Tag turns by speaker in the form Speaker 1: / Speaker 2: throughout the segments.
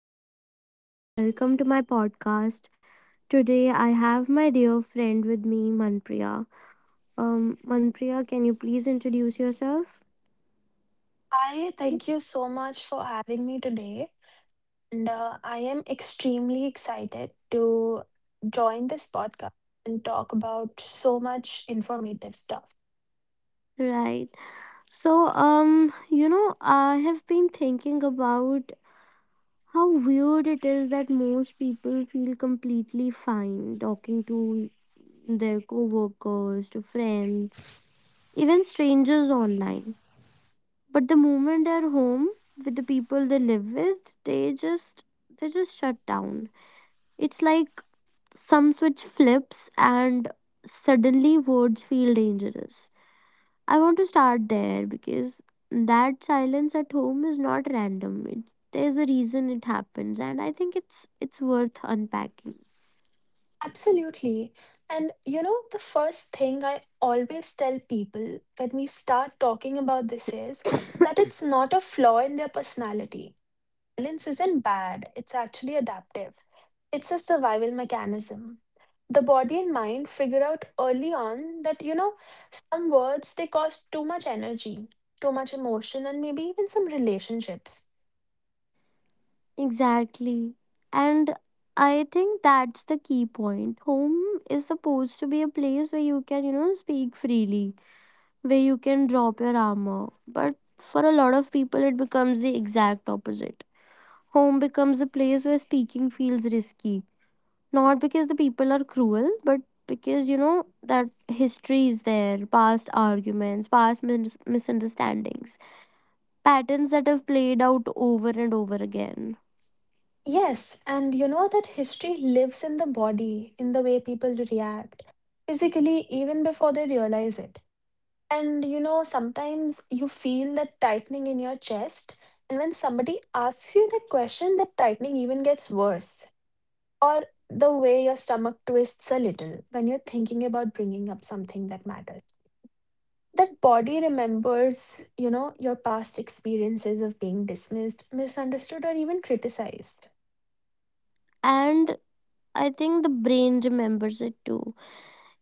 Speaker 1: this is Rupam. Welcome to my podcast. Today I have my dear friend with me, Manpriya. Manpriya, can you please introduce yourself?
Speaker 2: Hi, thank you so much for having me today. And I am extremely excited to join this podcast and talk about so much informative stuff.
Speaker 1: Right. I have been thinking about how weird it is that most people feel completely fine talking to their coworkers, to friends, even strangers online. But the moment they're home with the people they live with, they just shut down. It's like some switch flips and suddenly words feel dangerous. I want to start there because that silence at home is not random. There's a reason it happens and I think it's worth unpacking.
Speaker 2: Absolutely. And you know, the first thing I always tell people when we start talking about this is that it's not a flaw in their personality. Violence isn't bad, it's actually adaptive. It's a survival mechanism. The body and mind figure out early on that, you know, some words they cost too much energy, too much emotion, and maybe even some relationships.
Speaker 1: Exactly. And I think that's the key point. Home is supposed to be a place where you can, you know, speak freely where you can drop your armor. But for a lot of people, it becomes the exact opposite. Home becomes a place where speaking feels risky. Not because the people are cruel, but because you know that history is there, past arguments, past misunderstandings, patterns that have played out over and over again.
Speaker 2: Yes, and you know that history lives in the body, in the way people react physically, even before they realize it. And you know, sometimes you feel that tightening in your chest, and when somebody asks you that question, that tightening even gets worse. Or the way your stomach twists a little when you're thinking about bringing up something that matters. That body remembers, you know, your past experiences of being dismissed, misunderstood, or even criticized.
Speaker 1: And I think the brain remembers it too.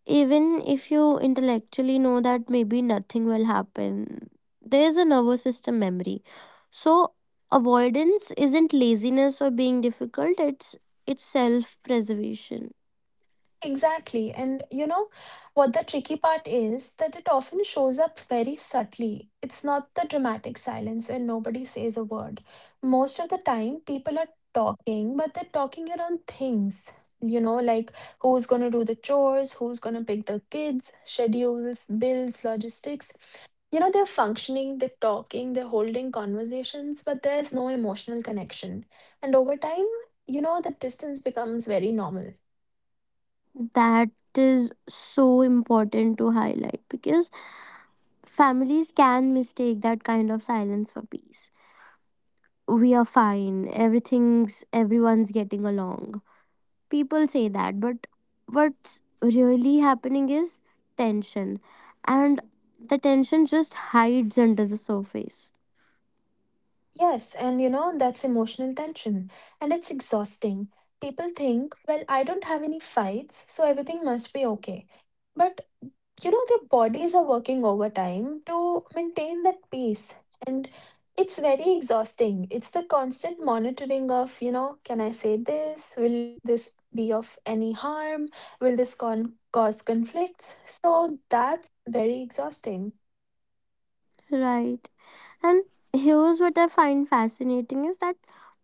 Speaker 1: Even if you intellectually know that maybe nothing will happen, there is a nervous system memory. So avoidance isn't laziness or being difficult, it's self preservation.
Speaker 2: Exactly. And you know what the tricky part is, that it often shows up very subtly. It's not the dramatic silence and nobody says a word. Most of the time, people are talking, but they're talking around things, you know, like who's going to do the chores, who's going to pick the kids, schedules, bills, logistics. You know, they're functioning, they're talking, they're holding conversations, but there's no emotional connection. And over time, you know, the distance becomes very normal.
Speaker 1: That is so important to highlight because families can mistake that kind of silence for peace. We are fine, everything's everyone's getting along people say that but what's really happening is tension and the tension just hides under the surface.
Speaker 2: Yes, and you know, that's emotional tension, and it's exhausting. People think, well, I don't have any fights, so everything must be okay. But you know, their bodies are working overtime to maintain that peace, and it's very exhausting. It's the constant monitoring of, you know, can I say this? Will this be of any harm? Will this cause conflicts? So that's very exhausting.
Speaker 1: Right. And here's what I find fascinating is that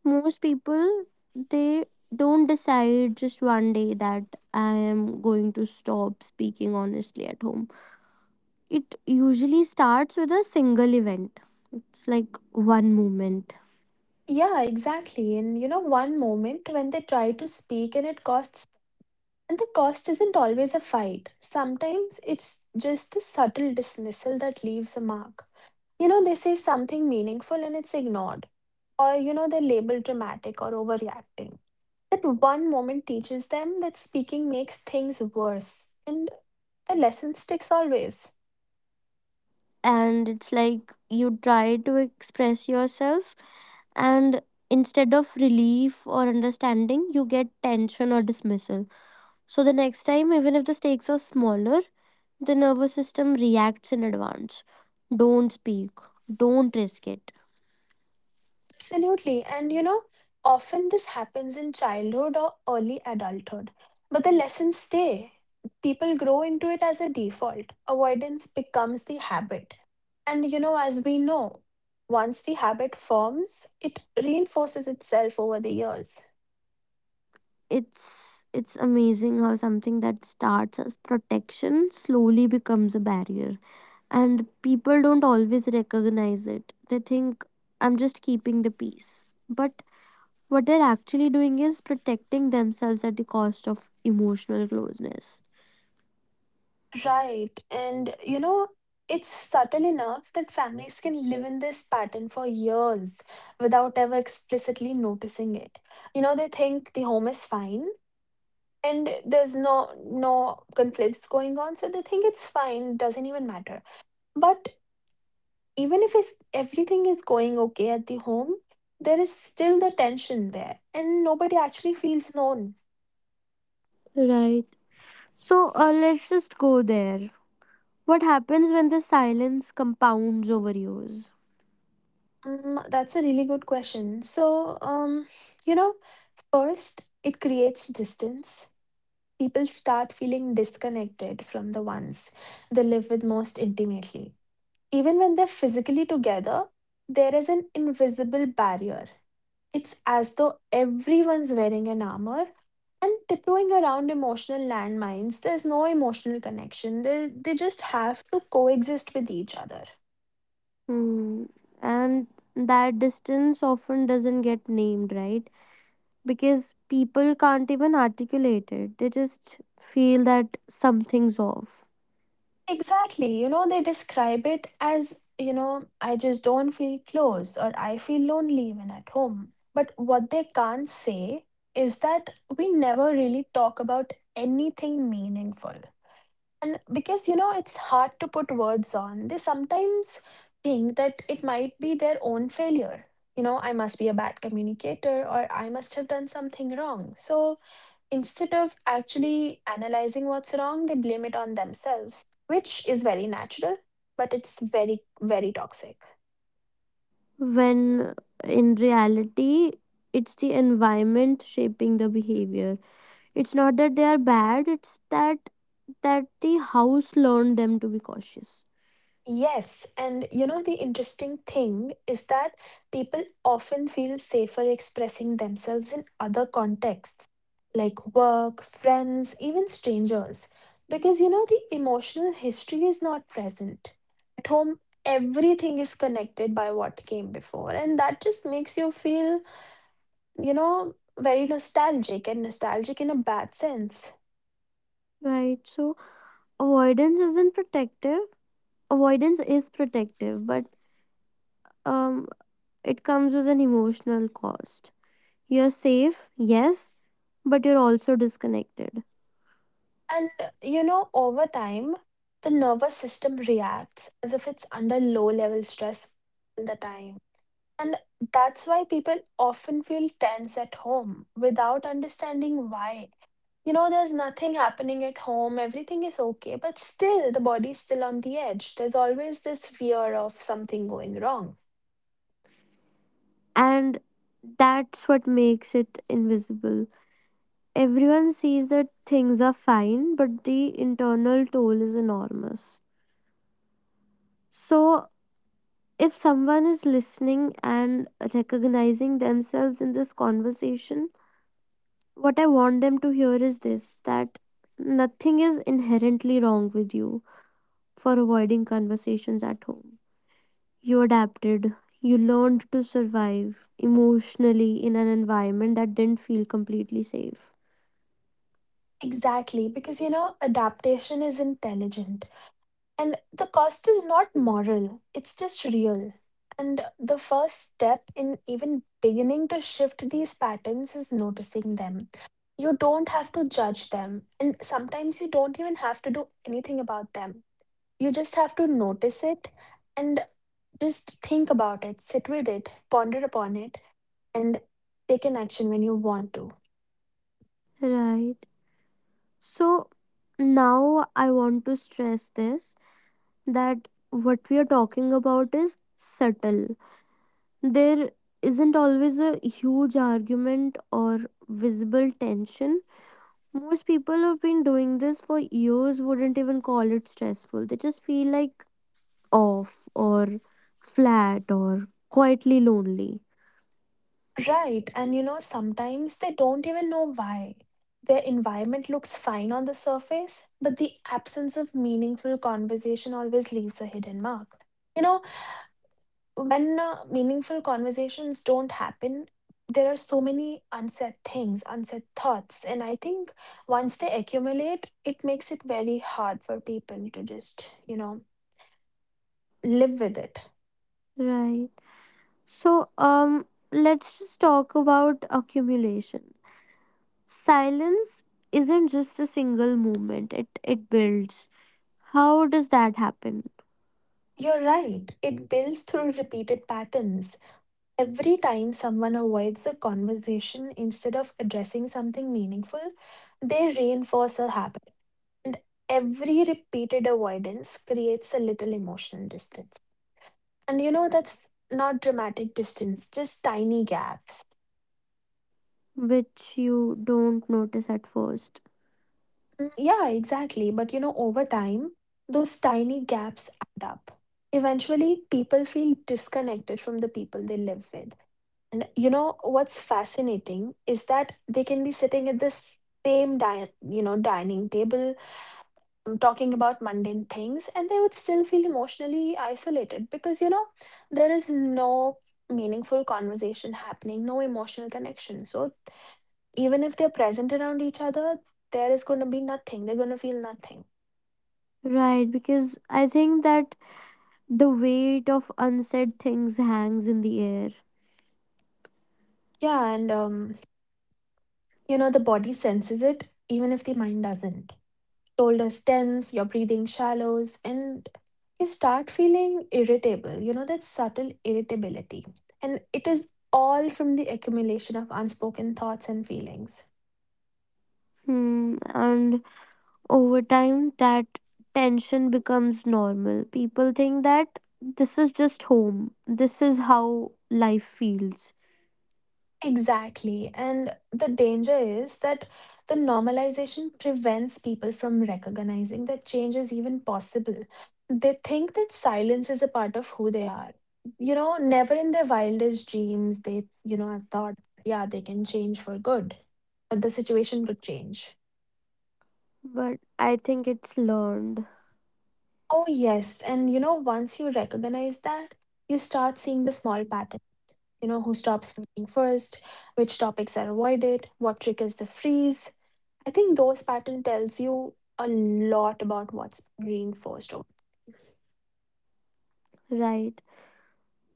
Speaker 1: most people, they don't decide just one day that I am going to stop speaking honestly at home. It usually starts with a single event. It's like one moment.
Speaker 2: Yeah, exactly. And you know, one moment when they try to speak and it costs, and the cost isn't always a fight. Sometimes it's just the subtle dismissal that leaves a mark. You know, they say something meaningful and it's ignored, or you know, they're labeled dramatic or overreacting. That one moment teaches them that speaking makes things worse, and the lesson sticks always.
Speaker 1: And it's like you try to express yourself and instead of relief or understanding you get tension or dismissal. So the next time, even if the stakes are smaller, the nervous system reacts in advance. Don't speak, don't risk it.
Speaker 2: Absolutely. And you know, often this happens in childhood or early adulthood, but the lessons stay. People grow into it as a default. Avoidance becomes the habit. And you know, as we know, once the habit forms, it reinforces itself over the years.
Speaker 1: It's amazing how something that starts as protection slowly becomes a barrier, and people don't always recognize it. They think I'm just keeping the peace, but what they're actually doing is protecting themselves at the cost of emotional closeness.
Speaker 2: Right. And you know, it's subtle enough that families can live in this pattern for years without ever explicitly noticing it. You know, they think the home is fine and there's no conflicts going on, so they think it's fine, doesn't even matter. But even if everything is going okay at the home, there is still the tension there and nobody actually feels known.
Speaker 1: Right. So let's just go there. What happens when the silence compounds over years?
Speaker 2: That's a really good question. So, you know, first it creates distance. People start feeling disconnected from the ones they live with most intimately. Even when they're physically together, there is an invisible barrier. It's as though everyone's wearing an armor and tiptoeing around emotional landmines. There's no emotional connection. They just have to coexist with each other.
Speaker 1: Hmm. And that distance often doesn't get named, right? Because people can't even articulate it. They just feel that something's off.
Speaker 2: Exactly. You know, they describe it as, you know, I just don't feel close, or I feel lonely when at home. But what they can't say is that we never really talk about anything meaningful. And because, you know, it's hard to put words on, they sometimes think that it might be their own failure. You know, I must be a bad communicator, or I must have done something wrong. So instead of actually analyzing what's wrong, they blame it on themselves, which is very natural, but it's very, very toxic.
Speaker 1: When in reality, it's the environment shaping the behavior. It's not that they are bad, it's that the house learned them to be cautious.
Speaker 2: Yes, and you know, the interesting thing is that people often feel safer expressing themselves in other contexts, like work, friends, even strangers, because you know, the emotional history is not present. At home, everything is connected by what came before, and that just makes you feel, you know, very nostalgic, and nostalgic in a bad sense.
Speaker 1: Right. So avoidance isn't protective. Avoidance is protective, but um it comes with an emotional cost. You're safe, yes, but you're also disconnected.
Speaker 2: And you know, over time, the nervous system reacts as if it's under low level stress all the time. And that's why people often feel tense at home without understanding why. You know, there's nothing happening at home, everything is okay, but still the body's still on the edge. There's always this fear of something going wrong.
Speaker 1: And that's what makes it invisible. Everyone sees that things are fine, but the internal toll is enormous. So if someone is listening and recognizing themselves in this conversation, what I want them to hear is this, that nothing is inherently wrong with you for avoiding conversations at home. You adapted, you learned to survive emotionally in an environment that didn't feel completely safe.
Speaker 2: Exactly, because you know, adaptation is intelligent. And the cost is not moral, it's just real. And the first step in even beginning to shift these patterns is noticing them. You don't have to judge them, and sometimes you don't even have to do anything about them. You just have to notice it, and just think about it, sit with it, ponder upon it, and take an action when you want to.
Speaker 1: Right. So now I want to stress this, that what we are talking about is subtle. There isn't always a huge argument or visible tension. Most people who've been doing this for years wouldn't even call it stressful. They just feel like off or flat or quietly lonely.
Speaker 2: Right. And you know, sometimes they don't even know why. Their environment looks fine on the surface, but the absence of meaningful conversation always leaves a hidden mark. You know, when meaningful conversations don't happen, there are so many unsaid things, unsaid thoughts. And I think once they accumulate, it makes it very hard for people to just, you know, live with it.
Speaker 1: Right. So, let's just talk about accumulation. Silence isn't just a single movement. It builds. How does that happen?
Speaker 2: You're right. It builds through repeated patterns. Every time someone avoids a conversation instead of addressing something meaningful, they reinforce a habit. And every repeated avoidance creates a little emotional distance. And you know, that's not dramatic distance, just tiny gaps.
Speaker 1: Which you don't notice at first.
Speaker 2: Yeah, exactly. But you know, over time, those tiny gaps add up. Eventually, people feel disconnected from the people they live with. And you know what's fascinating is that they can be sitting at the same you know, dining table, talking about mundane things, and they would still feel emotionally isolated, because you know there is no meaningful conversation happening, no emotional connection. So even if they're present around each other, there is going to be nothing. They're going to feel nothing.
Speaker 1: Right, because I think that the weight of unsaid things hangs in the air.
Speaker 2: Yeah, and you know, the body senses it even if the mind doesn't. Shoulders tense, your breathing shallows, and you start feeling irritable, you know, that subtle irritability. And it is all from the accumulation of unspoken thoughts and feelings.
Speaker 1: Hmm. And over time, that tension becomes normal. People think that this is just home, this is how life feels.
Speaker 2: Exactly. And the danger is that the normalization prevents people from recognizing that change is even possible. They think that silence is a part of who they are. You know, never in their wildest dreams, they, you know, have thought, yeah, they can change for good, but the situation would change.
Speaker 1: But I think it's learned,
Speaker 2: Oh, yes. And you know, once you recognize that, you start seeing the small pattern. You know, who stops speaking first, which topics are avoided, what triggers the freeze. I think those pattern tells you a lot about what's reinforced. Over-
Speaker 1: right?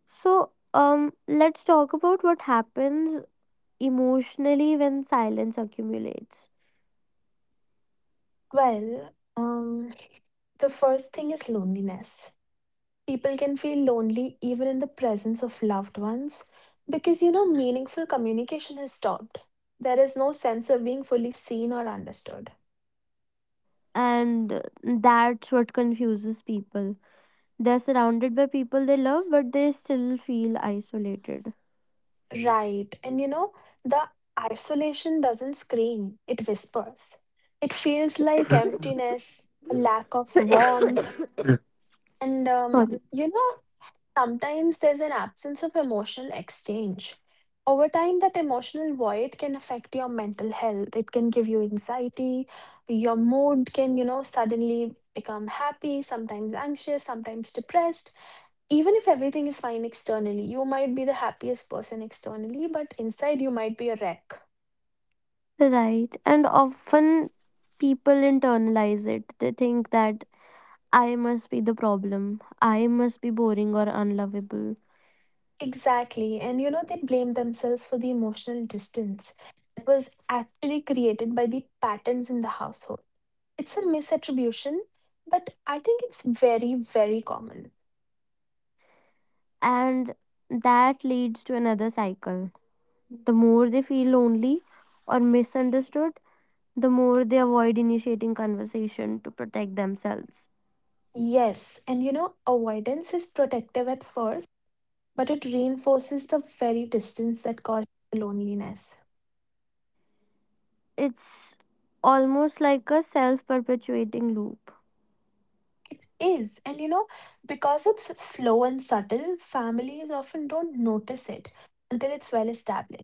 Speaker 1: So, let's talk about what happens emotionally when silence accumulates.
Speaker 2: Well, the first thing is loneliness. People can feel lonely even in the presence of loved ones because you know meaningful communication has stopped. There is no sense of being fully seen or understood.
Speaker 1: And that's what confuses people. They're surrounded by people they love, but they still feel isolated.
Speaker 2: Right. And you know, the isolation doesn't scream, it whispers. It feels like emptiness, a lack of warmth, and
Speaker 1: Sorry.
Speaker 2: you know, sometimes there's an absence of emotional exchange. Over time, that emotional void can affect your mental health. It can give you anxiety. Your mood can, you know, suddenly become happy, sometimes anxious, sometimes depressed. Even if everything is fine externally, you might be the happiest person externally, but inside you might be a wreck.
Speaker 1: Right. And often people internalize it. They think that I must be the problem, I must be boring or unlovable.
Speaker 2: Exactly. And, you know, they blame themselves for the emotional distance that was actually created by the patterns in the household. It's a misattribution, but I think it's very, very common.
Speaker 1: And that leads to another cycle. The more they feel lonely or misunderstood, the more they avoid initiating conversation to protect themselves.
Speaker 2: Yes, and you know, avoidance is protective at first, but it reinforces the very distance that causes loneliness.
Speaker 1: It's almost like a self perpetuating loop.
Speaker 2: It is, and you know, because it's slow and subtle, families often don't notice it until it's well established.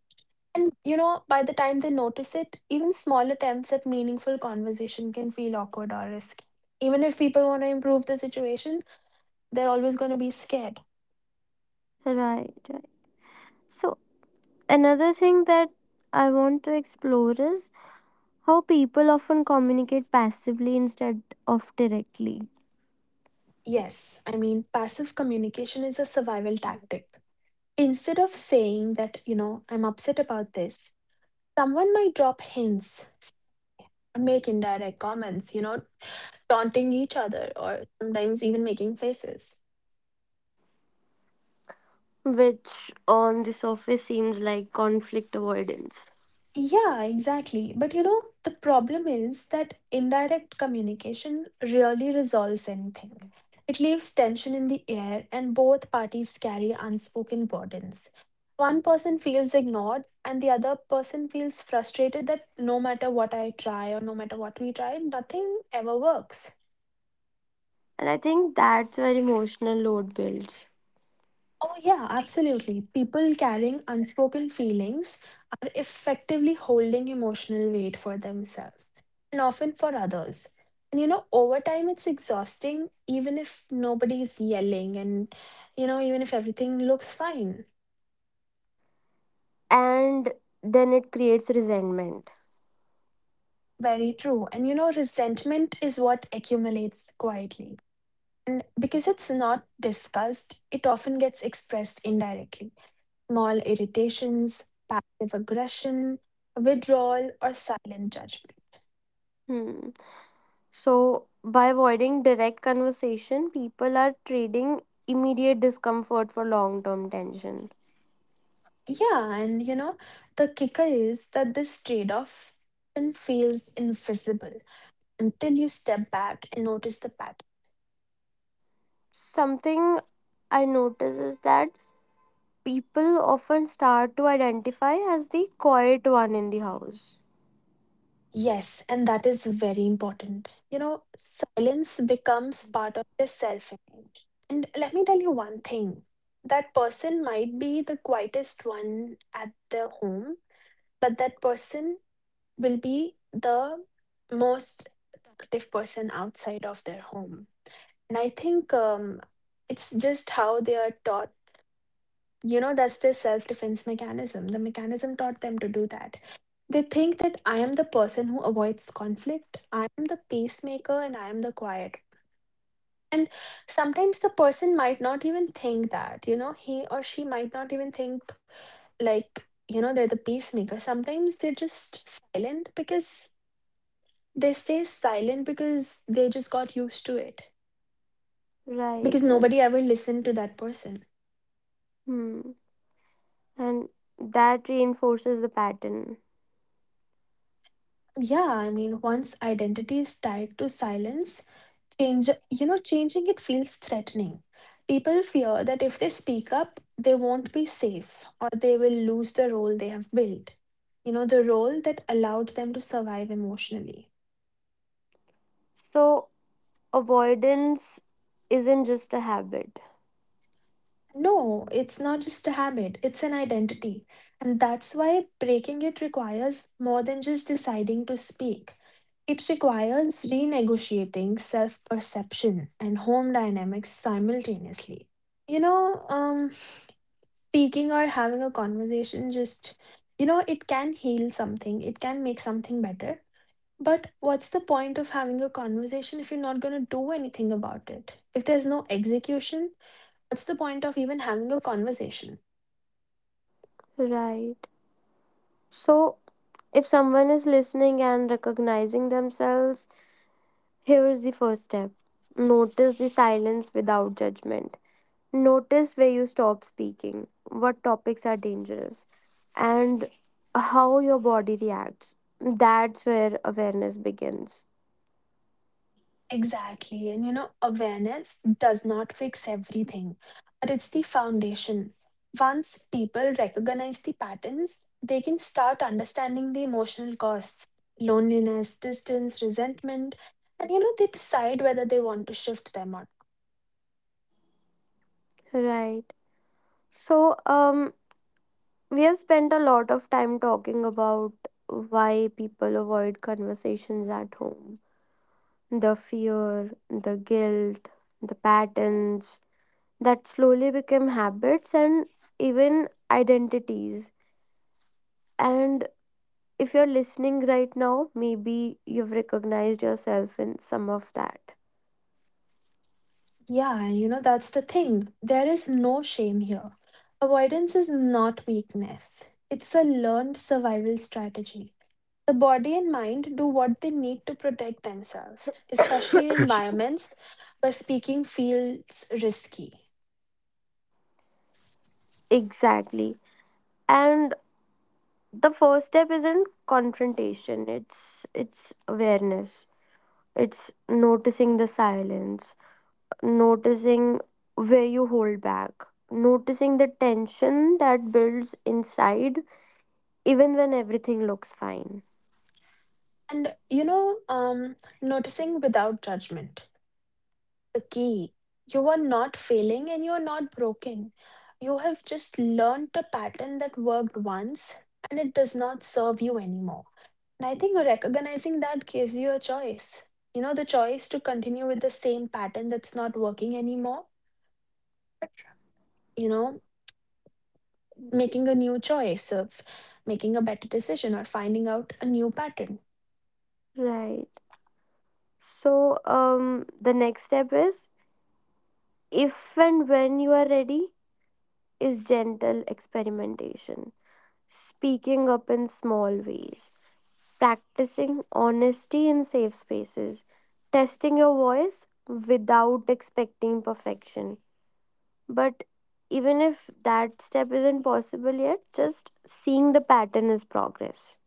Speaker 2: And you know, by the time they notice it, even small attempts at meaningful conversation can feel awkward or risky. Even if people want to improve the situation, they're always going to be scared.
Speaker 1: Right, right. So another thing that I want to explore is how people often communicate passively instead of directly,
Speaker 2: Yes, I mean, passive communication is a survival tactic. Instead of saying that, you know, I'm upset about this, someone might drop hints, make indirect comments, you know, taunting each other or sometimes even making faces.
Speaker 1: which on the surface seems like conflict avoidance.
Speaker 2: Yeah, exactly. But you know, the problem is that indirect communication rarely resolves anything. It leaves tension in the air, and both parties carry unspoken burdens. One person feels ignored, and the other person feels frustrated that no matter what I try or no matter what we try, nothing ever works.
Speaker 1: And I think that's where emotional load builds.
Speaker 2: Oh, yeah, absolutely. People carrying unspoken feelings are effectively holding emotional weight for themselves and often for others. And you know, over time, it's exhausting, even if nobody's yelling and, you know, even if everything looks fine.
Speaker 1: And then it creates resentment.
Speaker 2: Very true. And you know, resentment is what accumulates quietly. And because it's not discussed, it often gets expressed indirectly. Small irritations, passive aggression, withdrawal, or silent judgment.
Speaker 1: Hmm. So, by avoiding direct conversation, people are trading immediate discomfort for long term tension.
Speaker 2: Yeah, and the kicker is that this trade off often feels invisible until you step back and notice the pattern.
Speaker 1: Something I notice is that people often start to identify as the quiet one in the house.
Speaker 2: Yes, and that is very important. You know, silence becomes part of your self image. And let me tell you one thing, that person might be the quietest one at their home, but that person will be the most talkative person outside of their home. And I think it's just how they are taught. You know, that's their self defense mechanism. The mechanism taught them to do that. They think that I am the person who avoids conflict, I am the peacemaker, and I am the quiet. And sometimes the person might not even think that, you know, he or she might not even think like, you know, they're the peacemaker. Sometimes they stay silent because they just got used to it.
Speaker 1: Right.
Speaker 2: Because
Speaker 1: And,
Speaker 2: nobody ever listened to that person.
Speaker 1: hmm, and that reinforces the pattern.
Speaker 2: Yeah, I mean, once identity is tied to silence, you know, changing it feels threatening. People fear that if they speak up, they won't be safe or they will lose the role they have built. You know, the role that allowed them to survive emotionally.
Speaker 1: So, avoidance isn't just a habit.
Speaker 2: No, it's not just a habit, it's an identity. And that's why breaking it requires more than just deciding to speak. It requires renegotiating self perception and home dynamics simultaneously. You know, um, speaking or having a conversation just, you know, it can heal something, it can make something better. But what's the point of having a conversation if you're not going to do anything about it? If there's no execution, what's the point of even having a conversation?
Speaker 1: Right. So, if someone is listening and recognizing themselves, here is the first step: notice the silence without judgment. Notice where you stop speaking, what topics are dangerous, and how your body reacts. That's where awareness begins.
Speaker 2: Exactly. And you know, awareness does not fix everything, but it's the foundation. Once people recognize the patterns, they can start understanding the emotional costs, loneliness, distance, resentment, and you know, they decide whether they want to shift them or not.
Speaker 1: Right. So, we have spent a lot of time talking about why people avoid conversations at home. The fear, the guilt, the patterns that slowly become habits and even identities. And if you're listening right now, maybe you've recognized yourself in some of that.
Speaker 2: Yeah, and you know, that's the thing. There is no shame here. Avoidance is not weakness, it's a learned survival strategy. The body and mind do what they need to protect themselves, especially in environments where speaking feels risky.
Speaker 1: Exactly. And the first step isn't confrontation, it's awareness. It's noticing the silence, noticing where you hold back, noticing the tension that builds inside even when everything looks fine.
Speaker 2: And noticing without judgment, the key. You are not failing and you are not broken. You have just learned a pattern that worked once and it does not serve you anymore. And I think recognizing that gives you a choice. You know, the choice to continue with the same pattern that's not working anymore, you know, making a new choice, of making a better decision, or finding out a new pattern.
Speaker 1: Right. So the next step is, if and when you are ready, is gentle experimentation, speaking up in small ways, practicing honesty in safe spaces, testing your voice without expecting perfection. But even if that step isn't possible yet, just seeing the pattern is progress.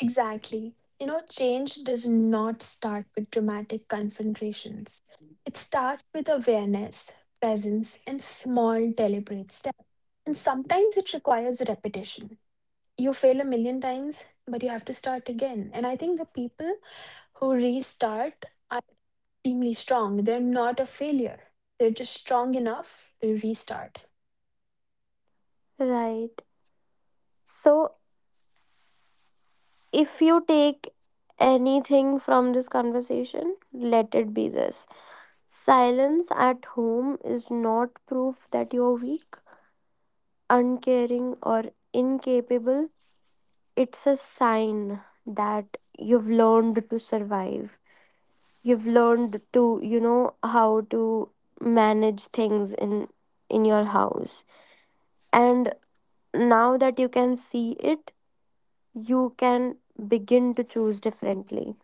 Speaker 2: Exactly. You know, change does not start with dramatic confrontations. It starts with awareness, presence, and small deliberate steps. And sometimes it requires repetition. You fail a million times, but you have to start again. And I think the people who restart are extremely strong. They're not a failure, they're just strong enough to restart.
Speaker 1: Right. So, if you take anything from this conversation, let it be this: silence at home is not proof that you're weak, uncaring or incapable. It's a sign that you've learned to survive. You've learned to, you know, how to manage things in your house. And now that you can see it, you can begin to choose differently.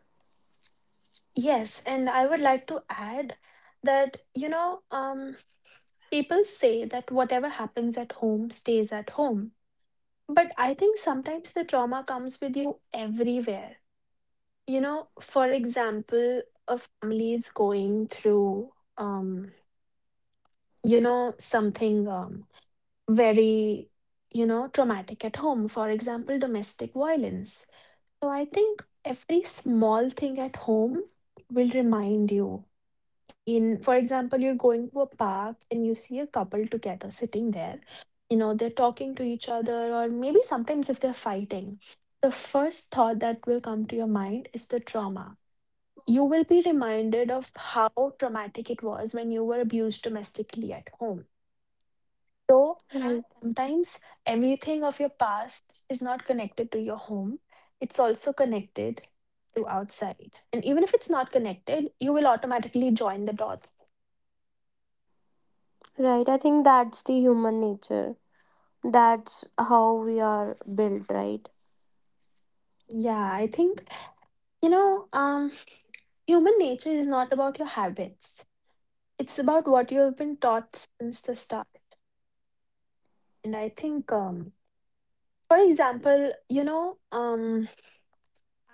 Speaker 2: Yes, and I would like to add that, people say that whatever happens at home stays at home. But I think sometimes the trauma comes with you everywhere. You know, for example, a family is going through, you know, something very, you know, traumatic at home. For example, domestic violence. So I think every small thing at home will remind you. In, for example, you're going to a park and you see a couple together sitting there, you know, they're talking to each other, or maybe sometimes if they're fighting, the first thought that will come to your mind is the trauma. You will be reminded of how traumatic it was when you were abused domestically at home. So
Speaker 1: Right.
Speaker 2: sometimes everything of your past is not connected to your home, it's also connected to outside, and even if it's not connected, you will automatically join the dots.
Speaker 1: Right. I think that's the human nature. That's how we are built, right?
Speaker 2: Yeah, I think, You know, um, human nature is not about your habits. It's about what you have been taught since the start. And I think, for example,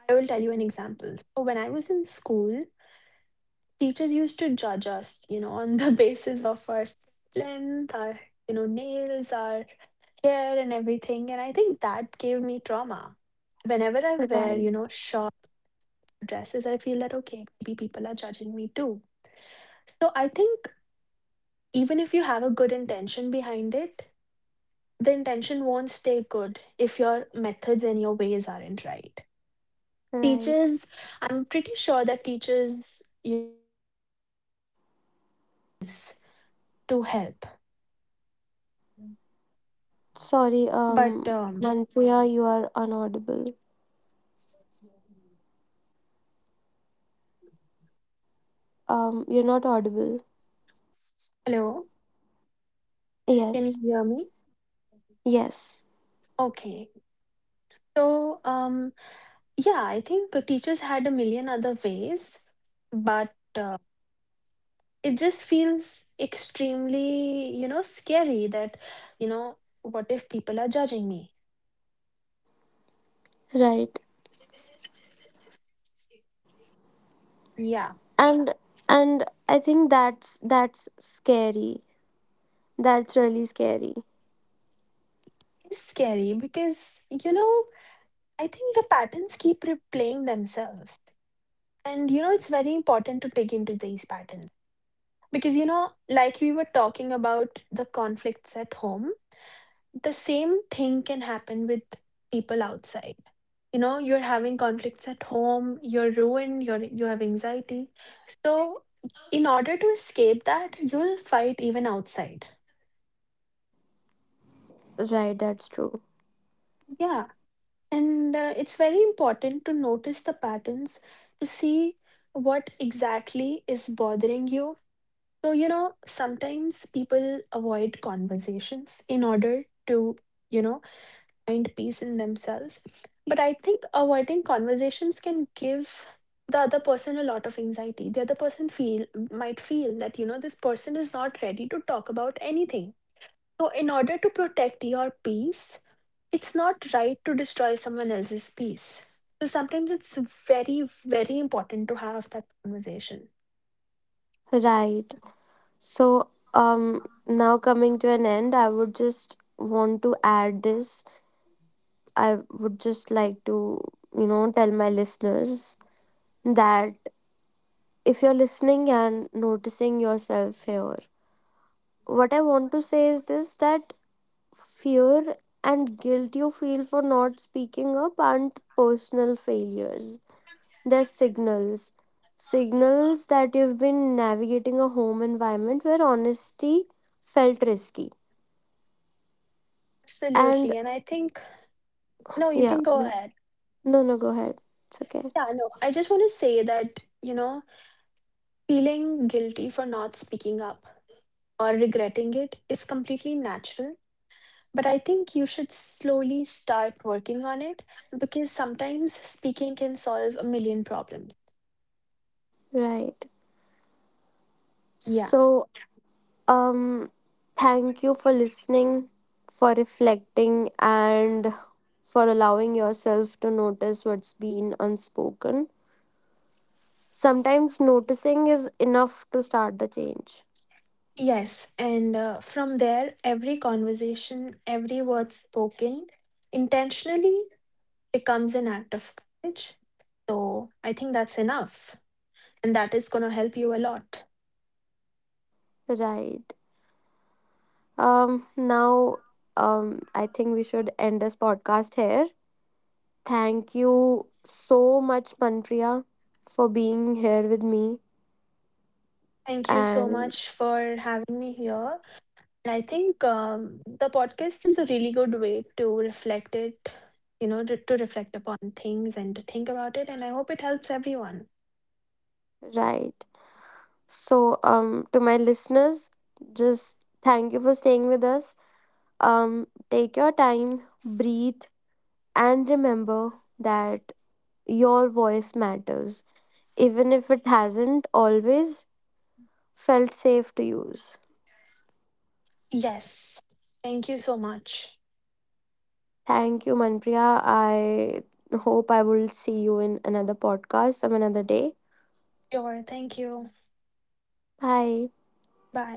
Speaker 2: I will tell you an example. So when I was in school, teachers used to judge us, you know, on the basis of our length, our, you know, nails, our hair and everything. And I think that gave me trauma. Whenever I wear,
Speaker 1: Right.
Speaker 2: you know, short dresses, I feel that, okay, maybe people are judging me too. So I think even if you have a good intention behind it, the intention won't stay good if your methods and your ways aren't right.
Speaker 1: Right.
Speaker 2: Teachers, I'm pretty sure that teachers, and other ways to help.
Speaker 1: Sorry,
Speaker 2: But
Speaker 1: Manpriya, you are unaudible. You're not audible.
Speaker 2: hello,
Speaker 1: Yes,
Speaker 2: can you hear me?
Speaker 1: yes,
Speaker 2: Okay. So yeah, I think teachers had a million other ways, but it just feels extremely, you know, scary that, you know, what if people are judging me?
Speaker 1: right.
Speaker 2: Yeah,
Speaker 1: And and I think that's scary. That's really scary.
Speaker 2: it's scary because, you know, I think the patterns keep replaying themselves. And, you know, it's very important to dig into these patterns. Because, you know, like we were talking about the conflicts at home, the same thing can happen with people outside. You know, you're having conflicts at home, you're ruined, you have anxiety. So, in order to escape that, you'll fight even outside.
Speaker 1: Right, that's true.
Speaker 2: Yeah. And it's very important to notice the patterns, to see what exactly is bothering you. So, you know, sometimes people avoid conversations in order to, you know, find peace in themselves. But I think avoiding conversations can give the other person a lot of anxiety. The other person feel might feel that, you know, this person is not ready to talk about anything. So, in order to protect your peace, it's not right to destroy someone else's peace. So sometimes it's very, very important to have that conversation.
Speaker 1: Right. So, now coming to an end, I would just want to add this. I would just like to, you know, tell my listeners that if you're listening and noticing yourself here, what I want to say is this, that fear and guilt you feel for not speaking up aren't personal failures. They're signals. Signals that you've been navigating a home environment where honesty felt risky. And
Speaker 2: Absolutely. And I think, no, you
Speaker 1: yeah,
Speaker 2: can go
Speaker 1: no,
Speaker 2: ahead.
Speaker 1: no, no, go ahead. It's okay.
Speaker 2: Yeah, no, I just want to say that, you know, feeling guilty for not speaking up or regretting it is completely natural. But I think you should slowly start working on it because sometimes speaking can solve a million problems.
Speaker 1: Right.
Speaker 2: Yeah.
Speaker 1: So, um, thank you for listening, for reflecting, and for allowing yourself to notice what's been unspoken. Sometimes noticing is enough to start the change.
Speaker 2: Yes. And from there, every conversation, every word spoken intentionally becomes an act of courage. So I think that's enough. And that is going to help you a lot.
Speaker 1: Right. Now, I think we should end this podcast here. Thank you so much, Panpriya, for being here with me.
Speaker 2: Thank you so
Speaker 1: And
Speaker 2: much for having me here. And I think the podcast is a really good way to reflect it, you know, to reflect upon things and to think about it. And I hope it helps everyone.
Speaker 1: right. So, to my listeners, just thank you for staying with us. Take your time, breathe, and remember that your voice matters, even if it hasn't always felt safe to use.
Speaker 2: Yes. Thank you so much.
Speaker 1: Thank you, Manpriya. I hope I will see you in another podcast some another day.
Speaker 2: Sure. Thank you.
Speaker 1: Bye.
Speaker 2: Bye.